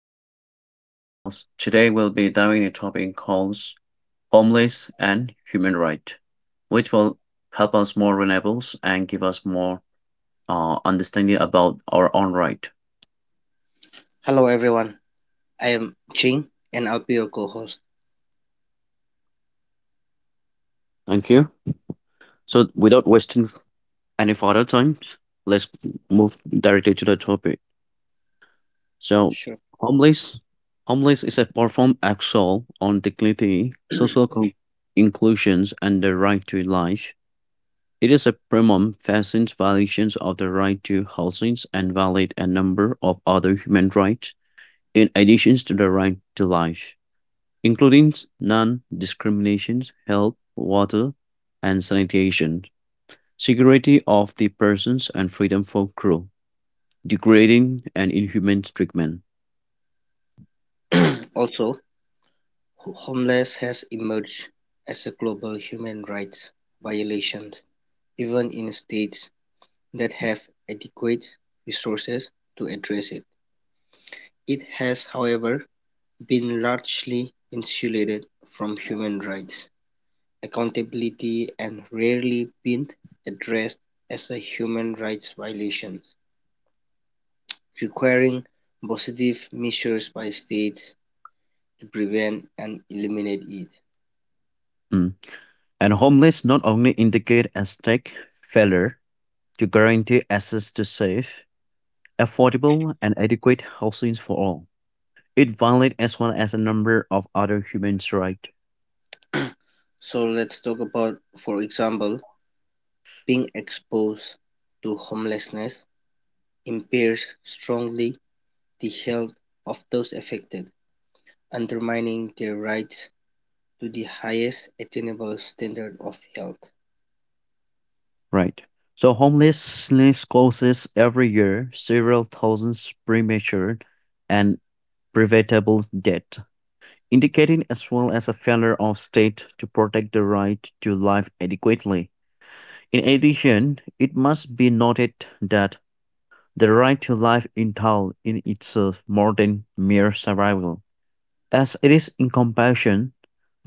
Artaban and I'll be the host. Today we'll be diving into a topic called homeless and human right, which will help us more renewables and give us more understanding about our own right. Hello everyone, I am Ching and I'll be your co-host. Thank you. So without wasting any further time, let's move directly to the topic. So Sure. homeless homeless is a profound axle on dignity, inclusions and the right to life. It is a premium fascinates violations of the right to housing and violate a number of other human rights in addition to the right to life, including non-discrimination, health, water and sanitation, security of the persons and freedom from cruel, degrading and inhumane treatment. Also, homeless has emerged as a global human rights violation, even in states that have adequate resources to address it. It has, however, been largely insulated from human rights accountability and rarely been addressed as a human rights violation, requiring positive measures by states to prevent and eliminate it. Mm. And homeless not only indicate a state failure to guarantee access to safe, affordable and adequate housing for all. It violates as well as a number of other human rights. So let's talk about, for example, being exposed to homelessness impairs strongly the health of those affected, undermining their rights to the highest attainable standard of health. Right. So homelessness causes every year several thousands premature and preventable death, indicating as well as a failure of state to protect the right to life adequately. In addition, it must be noted that the right to life entails in itself more than mere survival. As it is in compassion,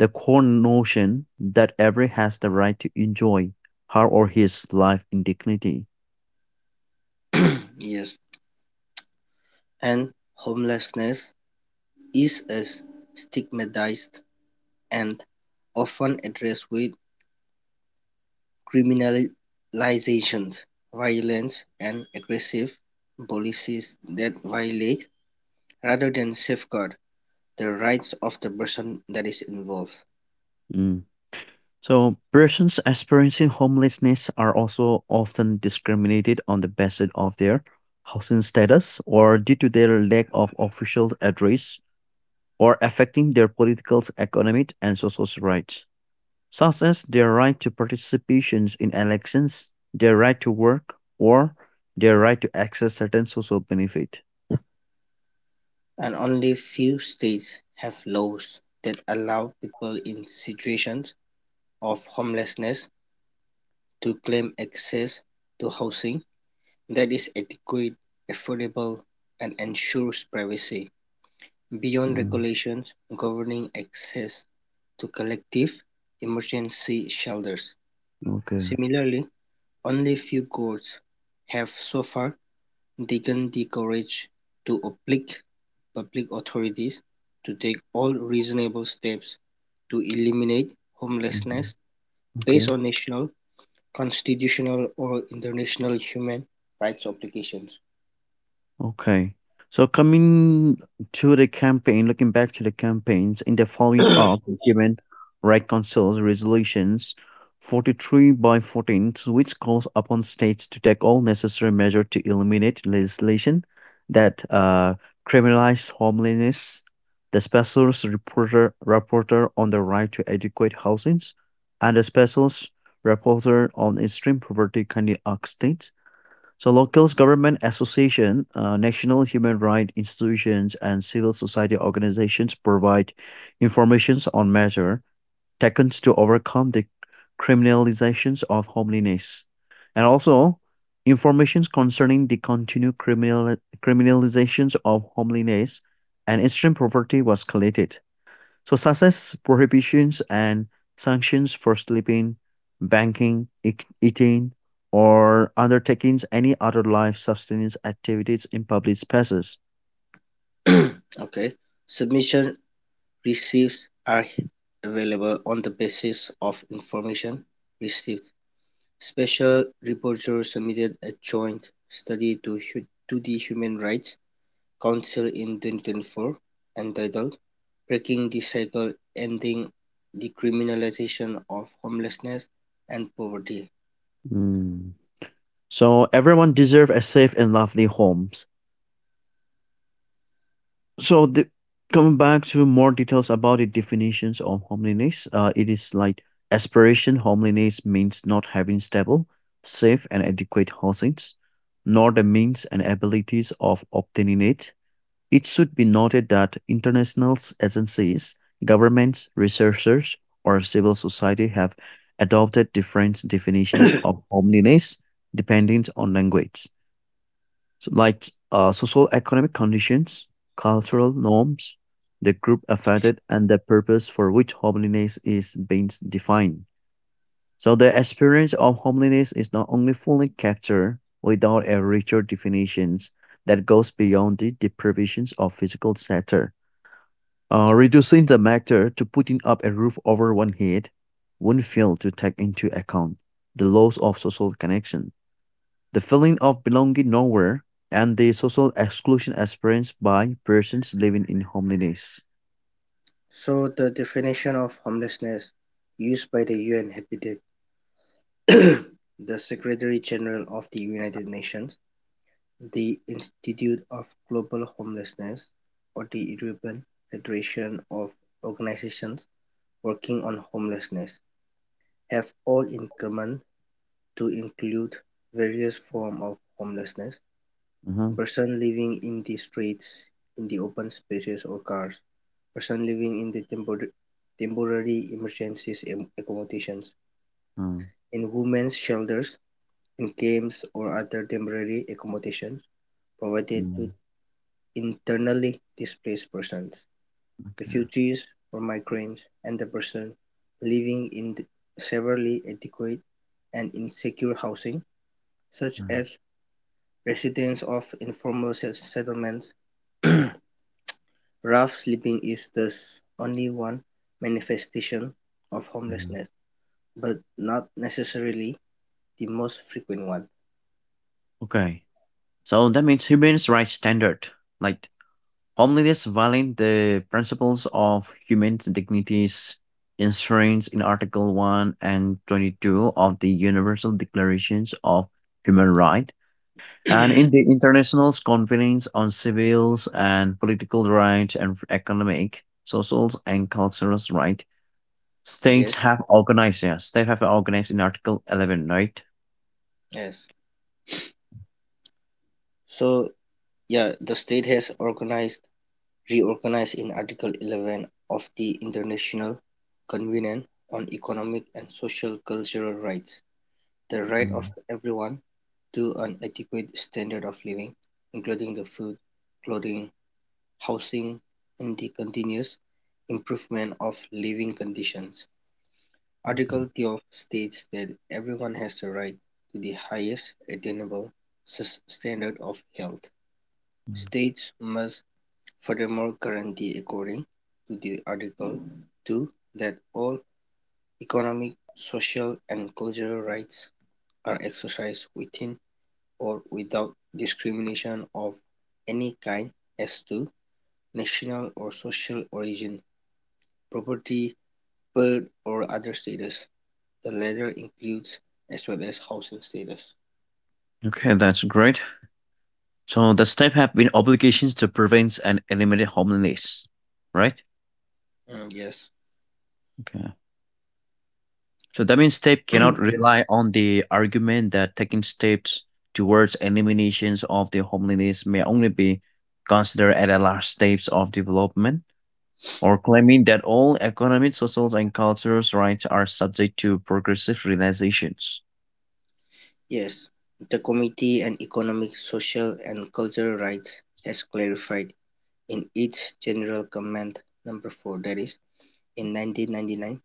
the core notion that every has the right to enjoy her or his life in dignity. Yes, and homelessness is a stigmatized and often addressed with criminalization violence, and aggressive policies that violate rather than safeguard the rights of the person that is involved. Mm. So, persons experiencing homelessness are also often discriminated on the basis of their housing status or due to their lack of official address or affecting their political, economic, and social rights, such as their right to participations in elections, their right to work, or their right to access certain social benefit. And only few states have laws that allow people in situations of homelessness to claim access to housing that is adequate affordable and ensures privacy beyond Mm, regulations governing access to collective emergency shelters. okay. Similarly, only few courts have so far taken the courage to oblige public authorities to take all reasonable steps to eliminate Mhm, homelessness based okay. on national, constitutional, or international human rights obligations. Okay. So coming to the campaign, looking back to the campaigns in the following up, given reconciles resolutions 43 by 14, which calls upon states to take all necessary measures to eliminate legislation that criminalize homelessness, the special reporter on the right to adequate housing, and the special reporter on extreme poverty can the states, so locals, government association, national human rights institutions, and civil society organizations provide informations on measure taken to overcome the criminalizations of homelessness, and also informations concerning the continued criminalizations of homelessness and extreme poverty was collected. So success prohibitions and sanctions for sleeping, banking, eating, or undertakings any other life sustenance activities in public spaces. Okay. Submission receipts are available on the basis of information received. Special rapporteurs submitted a joint study to the Human Rights Council in 2024, entitled "Breaking the Cycle: Ending the Criminalization of Homelessness and Poverty". Mm. So everyone deserve a safe and lovely homes. So coming back to more details about the definitions of homeliness, it is like aspiration. Homeliness means not having stable, safe, and adequate housings, nor the means and abilities of obtaining it. It should be noted that international agencies, governments, researchers, or civil society have adopted different definitions of homeliness depending on language, so uh, economic conditions, cultural norms, the group affected, and the purpose for which homeliness is being defined. So the experience of homeliness is not only fully captured without a richer definitions that goes beyond the deprivations of physical shelter. Reducing the matter to putting up a roof over one head won't fail to take into account the loss of social connection, the feeling of belonging nowhere, and the social exclusion experienced by persons living in homelessness. So the definition of homelessness used by the UN Habitat, the Secretary-General of the United Nations, the Institute of Global Homelessness, or the European Federation of Organizations working on homelessness have all in common to include various forms of homelessness. Uh-huh. Person living in the streets, in the open spaces or cars. Person living in the temporary emergencies accommodations. Uh, In women's shelters, in camps or other temporary accommodations provided to mm, internally displaced persons. okay. Refugees or migrants and the person living in severely inadequate and insecure housing, such Uh, as residents of informal settlements. Rough sleeping is thus only one manifestation of uh. homelessness, but not necessarily the most frequent one. Okay. So that means human rights standard. Like homelessness violates the principles of human dignities enshrined in Article 1 and 22 of the Universal Declarations of Human Rights and in the International Conventions on Civil and Political Rights and Economic, Social, and Cultural Rights. Yes. States have organized, yeah, states have organized in Article 11, right? Yes. So yeah, the state has organized reorganized in Article 11 of the International Covenant on Economic and Social Cultural Rights, the right of Mm, everyone to an adequate standard of living, including the food, clothing, housing, and the continuous improvement of living conditions. okay. Article 12 states that everyone has the right to the highest attainable standard of health. Mm. States must, furthermore, guarantee according to the Article Two that all economic, social and cultural rights are exercised within or without discrimination of any kind as to national or social origin, property, birth or other status. The latter includes as well as housing status. Okay, that's great. So the SNAP have been obligations to prevent and eliminate homelessness, right? Mm, yes. Okay. So that means SNAP cannot rely on the argument that taking steps towards eliminations of the homelessness may only be considered at a last stage of development, or claiming that all economic, social, and cultural rights are subject to progressive realizations. Yes, the Committee on Economic, Social and Cultural Rights has clarified in each general comment number four, that is in 1999,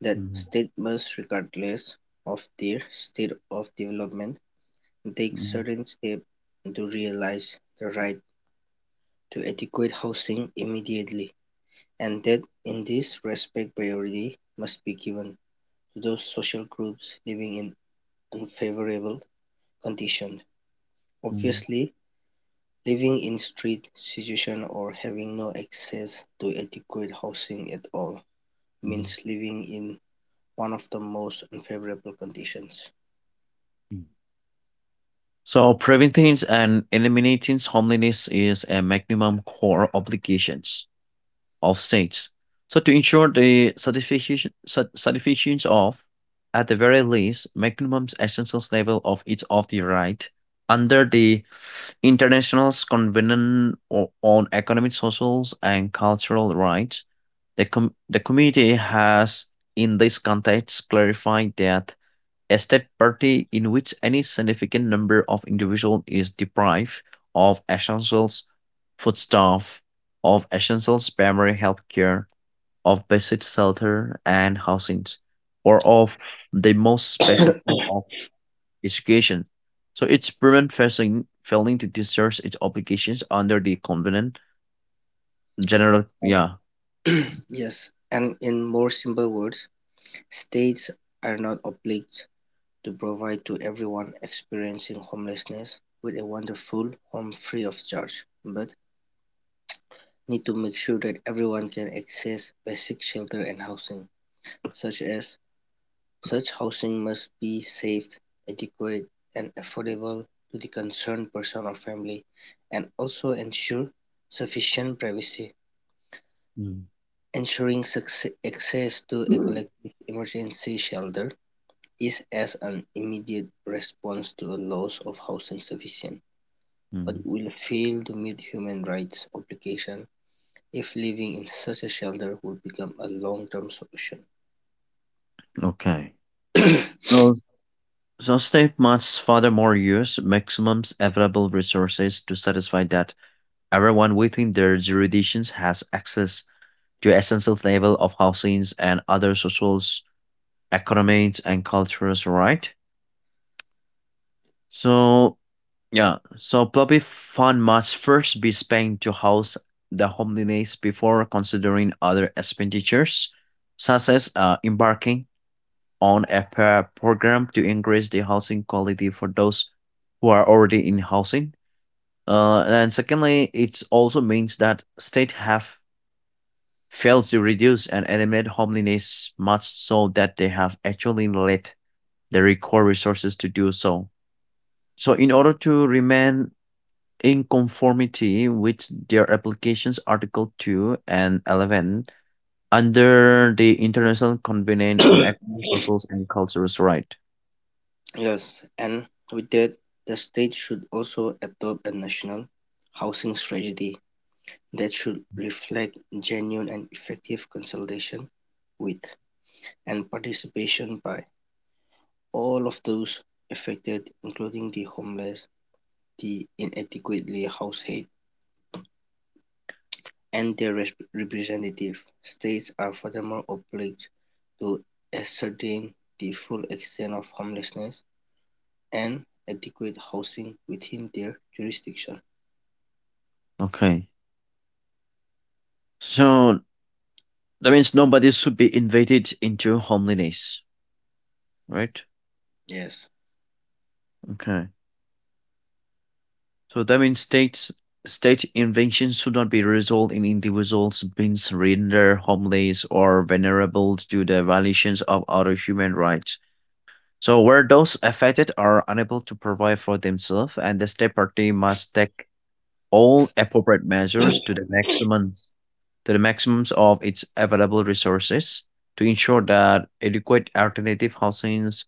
that Mm, state must, regardless of their state of development, take mm, certain steps to realize the right to adequate housing immediately, and that in this respect priority must be given to those social groups living in unfavorable conditions. mm, Obviously, living in street situation or having no access to adequate housing at all mm, means living in one of the most unfavorable conditions. mm. So preventing and eliminating homelessness is a minimum core obligations of states. So to ensure the satisfaction, satisfaction of, at the very least, minimum essential level of each of the right under the International Convention on Economic, Social, and Cultural Rights, the committee has, in this context, clarified that a state party in which any significant number of individuals is deprived of essentials foodstuff, of essentials primary healthcare, of basic shelter and housing, or of the most basic form of education. So it's prevent failing to discharge its obligations under the covenant general yeah. Yes, and in more simple words, states are not obliged to provide to everyone experiencing homelessness with a wonderful home free of charge, but need to make sure that everyone can access basic shelter and housing, such as. Such housing must be safe, adequate and affordable to the concerned person or family, and also ensure sufficient privacy. Mm. Ensuring access to a collective emergency shelter is as an immediate response to a loss of housing sufficient, but Mm. will fail to meet human rights obligations if living in such a shelter would become a long-term solution. Okay. So state must furthermore use maximum available resources to satisfy that everyone within their jurisdictions has access to essential level of housings and other social, economic, and cultural right. So yeah, so public fund must first be spent to house the homeless before considering other expenditures, such as embarking on a program to increase the housing quality for those who are already in housing. And secondly, it also means that state have failed to reduce and eliminate homelessness much so that they have actually lacked the required resources to do so. So in order to remain in conformity with their applications Article 2 and 11 under the International Convention on Economic, Social, and Cultural Rights. Yes, and with that, the state should also adopt a national housing strategy that should reflect genuine and effective consultation with and participation by all of those affected, including the homeless, the inadequately housed, and their representative. States are furthermore obliged to ascertain the full extent of homelessness and adequate housing within their jurisdiction. Okay. So that means nobody should be invaded into homeliness, right? Yes. Okay. So that means state inventions should not be result in individuals being rendered homeless or vulnerable to the violations of other human rights. So where those affected are unable to provide for themselves and the state party must take all appropriate measures to the maximum to the maximums of its available resources to ensure that adequate alternative housings,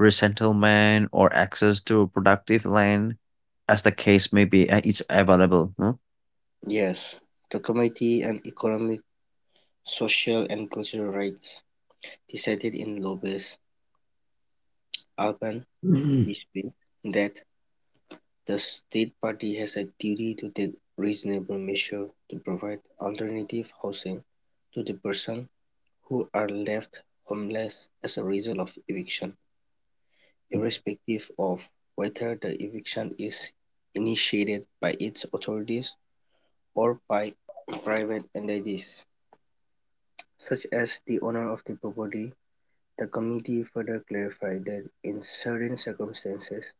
resettlement, or access to productive land, as the case may be, is available. No? Yes. The Committee on Economic, Social and Cultural Rights decided in Lobes Alban, Mhm. Brisbane that the state party has a duty to take reasonable measures to provide alternative housing to the persons who are left homeless as a result of eviction, irrespective of whether the eviction is initiated by its authorities or by private entities. Such as the owner of the property, the committee further clarified that in certain circumstances,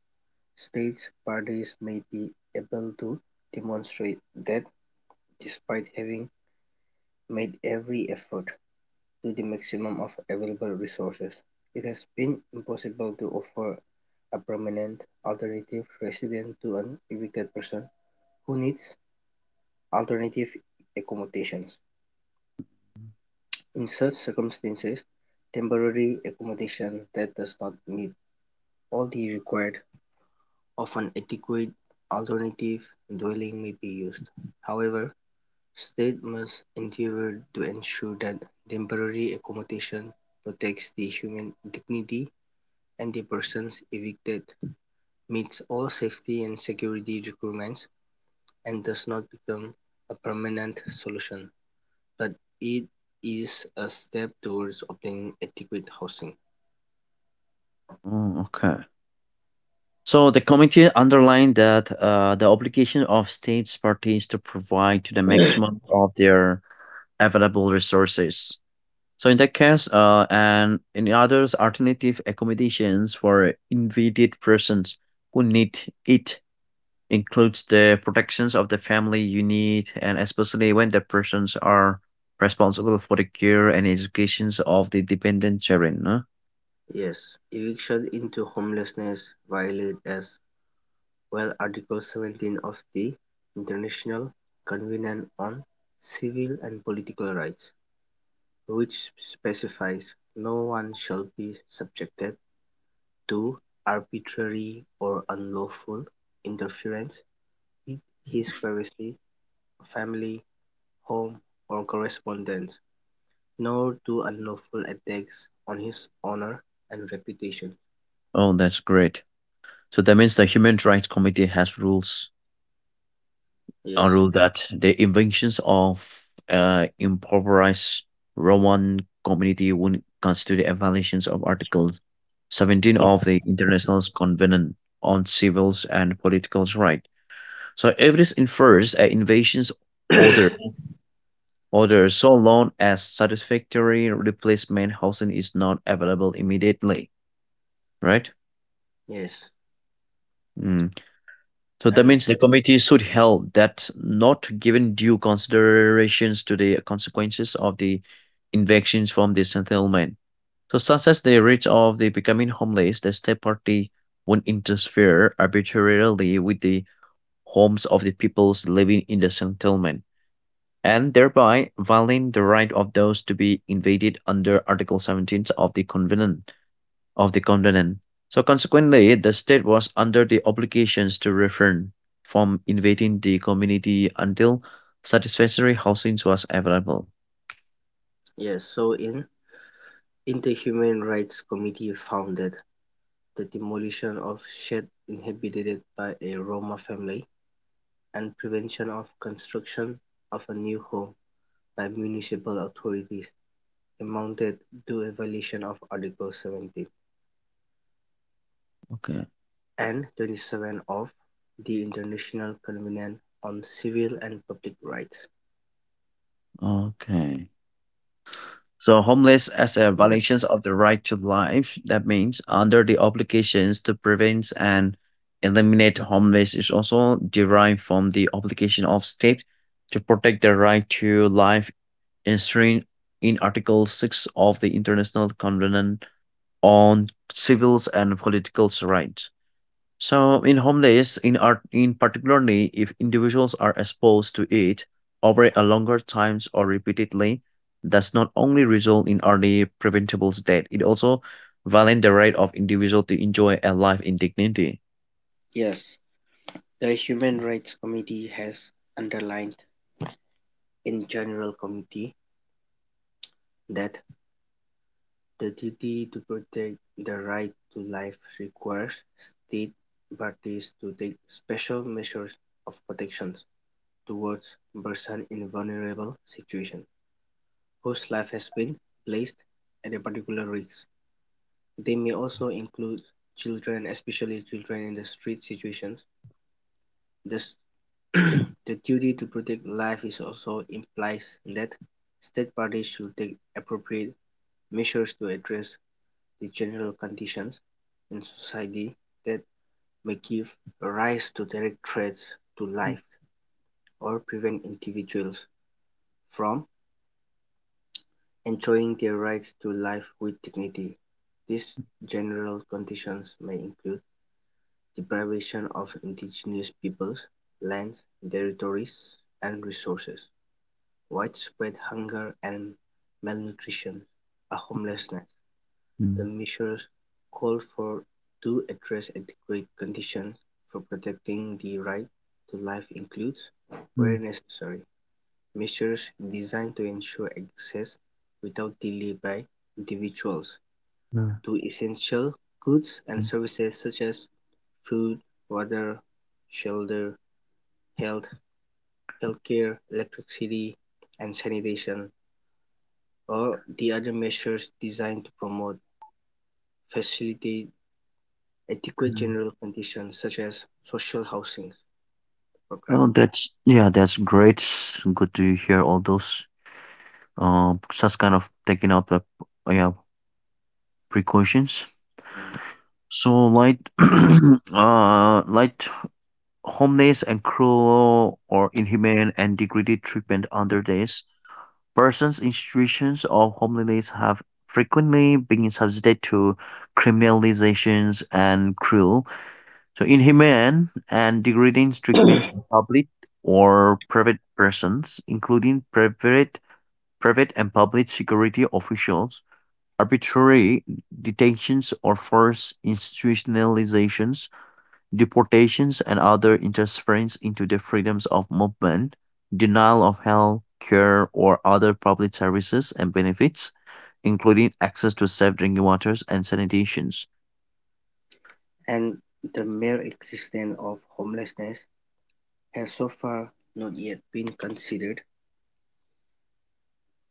states parties may be able to demonstrate that despite having made every effort to the maximum of available resources, it has been impossible to offer a permanent alternative residence to an evicted person who needs alternative accommodations. In such circumstances, temporary accommodation that does not meet all the required, often adequate, alternative dwelling may be used; however, state must endeavour to ensure that temporary accommodation protects the human dignity and the persons evicted, meets all safety and security requirements, and does not become a permanent solution, but it is a step towards obtaining adequate housing. Mm, okay. So the committee underlined that the obligation of states parties to provide to the maximum of their available resources. So in that case, and in others, alternative accommodations for invalid persons who need it includes the protections of the family unit, and especially when the persons are responsible for the care and educations of the dependent children. Huh? Yes, eviction into homelessness violates as well, Article 17 of the International Covenant on Civil and Political Rights, which specifies "No one shall be subjected to arbitrary or unlawful interference with his privacy, family, home, or correspondence, nor to unlawful attacks on his honor and reputation." Oh, that's great. So that means the Human Rights Committee has rules, Yes, ruled that the inventions of impoverished Roman community would constitute a violation of Article 17 of the International Covenant on Civil and Political Rights. So evidence infers an invasion's order, order so long as satisfactory replacement housing is not available immediately, right? yes, Mm. So that and means the committee should held that not given due considerations to the consequences of the invasions from the settlement. So such as the risk of the becoming homeless, the state party won't interfere arbitrarily with the homes of the peoples living in the settlement, and thereby violating the right of those to be invaded under Article 17 of the Covenant of the continent. So consequently, the state was under the obligations to refrain from invading the community until satisfactory housing was available. yes. So in the Human Rights Committee founded the demolition of sheds inhabited by a Roma family, and prevention of construction of a new home by municipal authorities amounted to a violation of Article seventeen Okay. and twenty-seven of the International Covenant on Civil and Public Rights. Okay. So homeless as a violations of the right to life, that means under the obligations to prevent and eliminate homeless is also derived from the obligation of state to protect the right to life enshrined in Article 6 of the International Covenant on civils and political rights. So in homeless, in particularly if individuals are exposed to it over a longer times or repeatedly, does not only result in early preventable death, it also violate the right of individual to enjoy a life in dignity. Yes, the Human Rights Committee has underlined in General Committee that the duty to protect the right to life requires state parties to take special measures of protection towards persons in vulnerable situations whose life has been placed at a particular risk. They may also include children, especially children in the street situations. Thus, the duty to protect life is also implies that state parties should take appropriate measures to address the general conditions in society that may give rise to direct threats to life or prevent individuals from enjoying their rights to life with dignity. These general conditions may include deprivation of indigenous peoples, lands, territories, and resources, widespread hunger and malnutrition, a homelessness. The Mm, measures called for to address adequate conditions for protecting the right to life includes, mm, where necessary, measures designed to ensure access without delay by individuals mm, to essential goods and mm, services such as food, water, shelter, health, healthcare, electricity, and sanitation, or the other measures designed to promote, facilitate, adequate general mm. conditions such as social housing programs. Oh, that's yeah, that's great. Good to hear all those. Such kind of taking up the yeah precautions. So light, light homeless and cruel or inhumane and degraded treatment under this persons in situations of homelessness have frequently been subjected to criminalizations and cruel, so inhumane and degrading treatments by public or private persons, including private and public security officials. Arbitrary detentions or forced institutionalizations, deportations, and other interference into the freedoms of movement, denial of health care or other public services and benefits, including access to safe drinking waters and sanitation. And the mere existence of homelessness has so far not yet been considered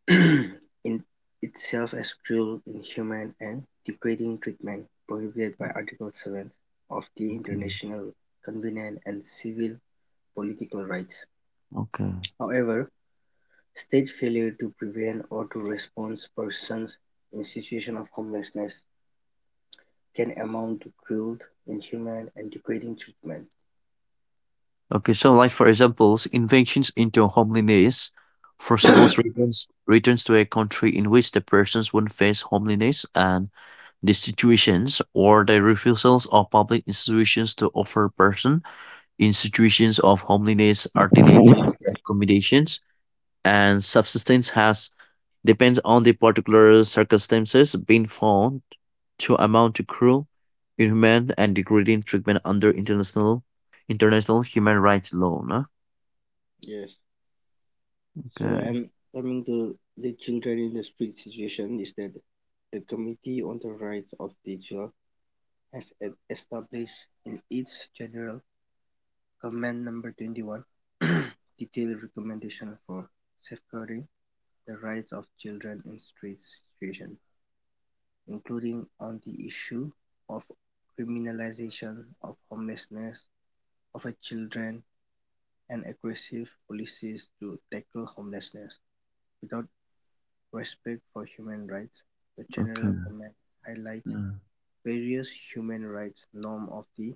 in itself as cruel, inhuman, and degrading treatment prohibited by Article 7 of the Okay, International Convention on Civil Political Rights. okay. However, state failure to prevent or to respond persons in situation of homelessness can amount to cruel, inhuman, and degrading treatment. Okay, so like for examples, invasions into homeliness, forcible returns to a country in which the persons would face homeliness and the situations or the refusals of public institutions to offer persons in situations of homelessness alternative accommodations and subsistence has depends on the particular circumstances being found to amount to cruel inhumane and degrading treatment under international human rights law. No? Yes. So, Okay. and coming to the children in the street situation is that the Committee on the Rights of the Child has established in its General Comment Number 21 detailed recommendation for safeguarding the rights of children in street situations, including on the issue of criminalization of homelessness of a children and aggressive policies to tackle homelessness without respect for human rights. The general Okay. comment highlights Mm. various human rights norms of the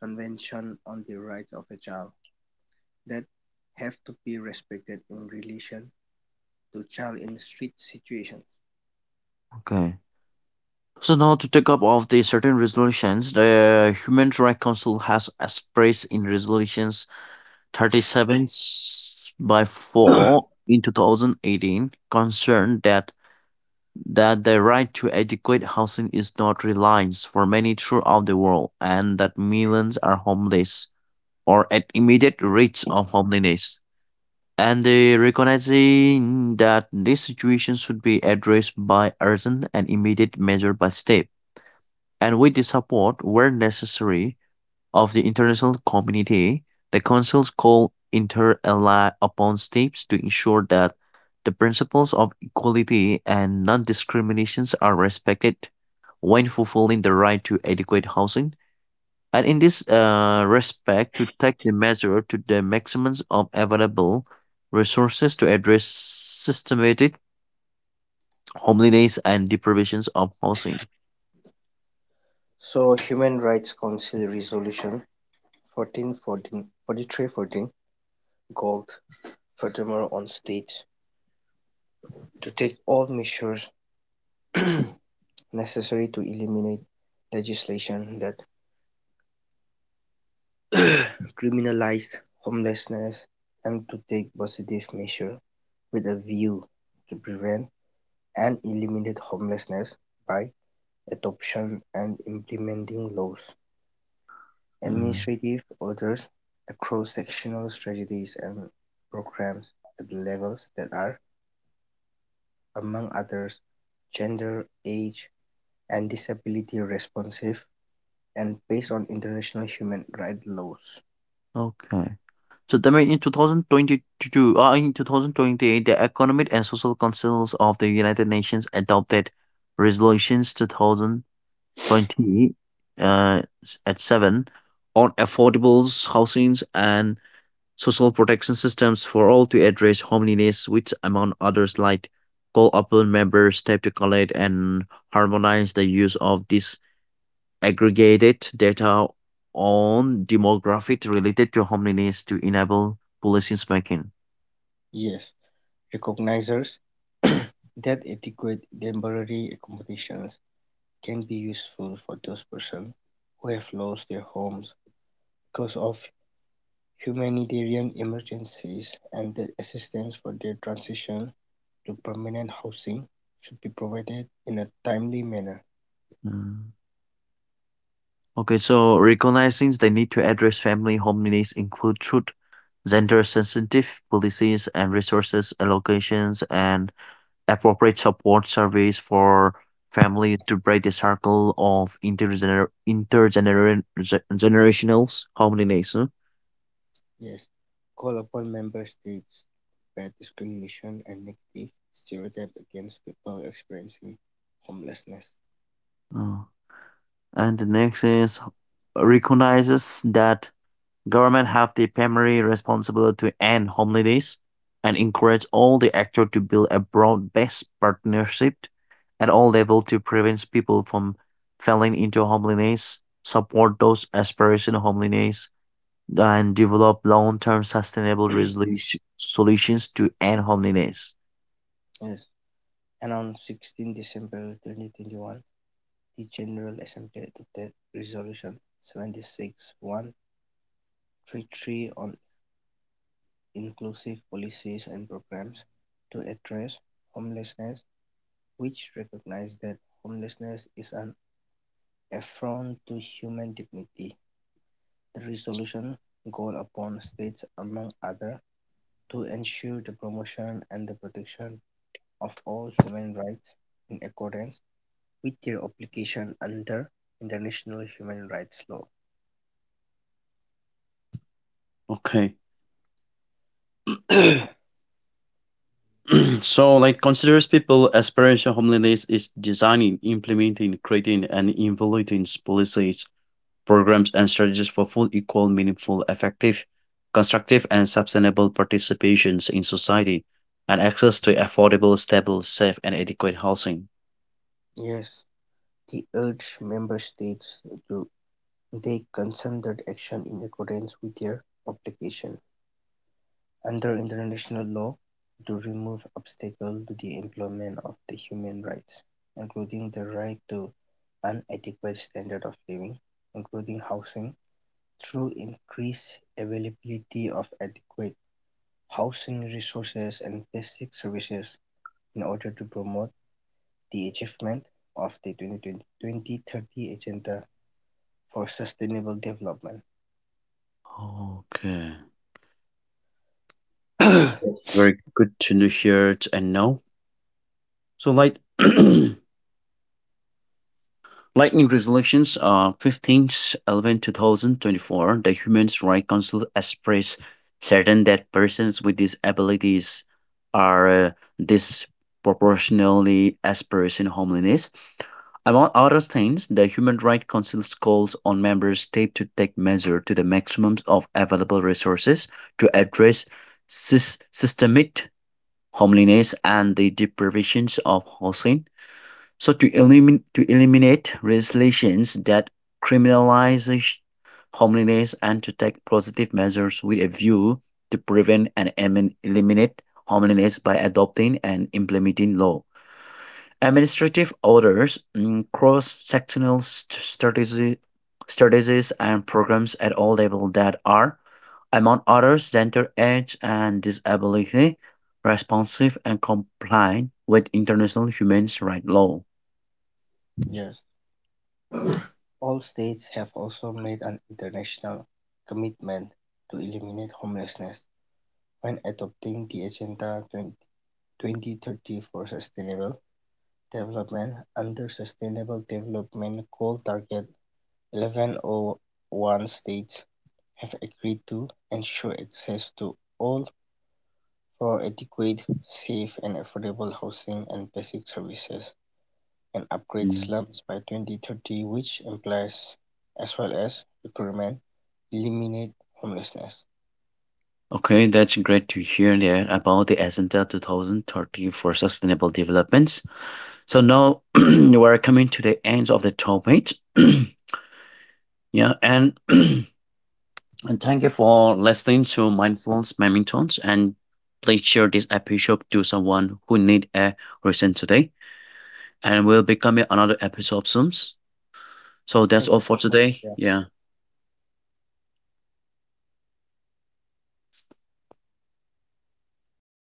Convention on the Rights of a Child that have to be respected in relation to child in street situations. Okay, so now to take up of the certain resolutions, the Human Rights Council has expressed in resolutions 37 by 4 in 2018 concerned that the right to adequate housing is not reliance for many throughout the world and that millions are homeless or at immediate risk of homelessness and they recognizing that this situation should be addressed by urgent and immediate measure by state and with the support where necessary of the international community, the Council's call inter-ally upon states to ensure that the principles of equality and non-discriminations are respected when fulfilling the right to adequate housing, and in this respect to take the measure to the maximum of available resources to address systematic homelessness and deprivations of housing. So Human Rights Council Resolution 4314 called furthermore on states to take all measures necessary to eliminate legislation that criminalized homelessness and to take positive measures with a view to prevent and eliminate homelessness by adoption and implementing laws, Mm, administrative orders, cross-sectional strategies and programs at the levels that are, among others, gender, age, and disability responsive and based on international human rights laws. okay. So, that mean in 2022 in 2028, the Economic and Social Councils of the United Nations adopted resolutions 2020 at 7 on affordable housings and social protection systems for all to address homelessness, which, among others, like call upon member states to collect and harmonize the use of these aggregated data on demographic related to homelessness to enable policymaking. Yes, recognizes that adequate temporary accommodations can be useful for those persons who have lost their homes because of humanitarian emergencies and that assistance for their transition to permanent housing should be provided in a timely manner. Mm. Okay, so recognizing the need to address family homelessness include through gender-sensitive policies and resources allocations and appropriate support service for families to break the circle of generational homelessness. Yes, call upon member states to combat discrimination and negative stereotype against people experiencing homelessness. Huh? And the next is recognizes that government have the primary responsibility to end homelessness and encourage all the actors to build a broad-based partnership at all levels to prevent people from falling into homelessness, support those experiencing homelessness, and develop long-term sustainable solutions to end homelessness. Yes, and on 16 December 2021, the General Assembly adopted Resolution 76/133 on inclusive policies and programs to address homelessness, which recognized that homelessness is an affront to human dignity. The resolution called upon states, among others, to ensure the promotion and the protection of all human rights in accordance with their obligation under international human rights law. Okay. So like considers people aspiration homelessness is designing, implementing, creating and evaluating policies programs and strategies for full, equal, meaningful, effective, constructive, and sustainable participations in society, and access to affordable, stable, safe, and adequate housing. Yes, they urged member states to take concerted action in accordance with their obligation under international law to remove obstacles to the employment of the human rights, including the right to an adequate standard of living, including housing, through increased availability of adequate housing resources and basic services in order to promote the achievement of the 2020 2030 Agenda for Sustainable Development. Okay. That's very good to know, hear, and know. So, like, Lightning resolutions are 15th 2024. The Human Rights Council expressed certain that persons with disabilities are disproportionately expressed in homelessness. Among other things, the Human Rights Council calls on member states to take measures to the maximum of available resources to address systemic homelessness and the deprivations of housing so to eliminate legislations that criminalize homelessness and to take positive measures with a view to prevent and eliminate homelessness by adopting and implementing law. Administrative orders, mm, cross-sectional strategies and programs at all levels that are, among others, gender, age, and disability, responsive and compliant with international human rights law. Yes. All states have also made an international commitment to eliminate homelessness when adopting the Agenda 20 2030 for Sustainable Development under Sustainable Development Goal Target 1101. States have agreed to ensure access to all for adequate, safe and affordable housing and basic services, and upgrade Mm. slums by 2030, which implies as well as recruitment, eliminate homelessness. Okay, that's great to hear there about the Agenda 2030 for Sustainable Developments. So now we're coming to the end of the topic. Yeah, and and thank you for listening to Mindfulness Mementons and please share this episode to someone who need a reason today. And we'll be coming another episode soon. So Thank that's you all so for much. today. Yeah. Yeah.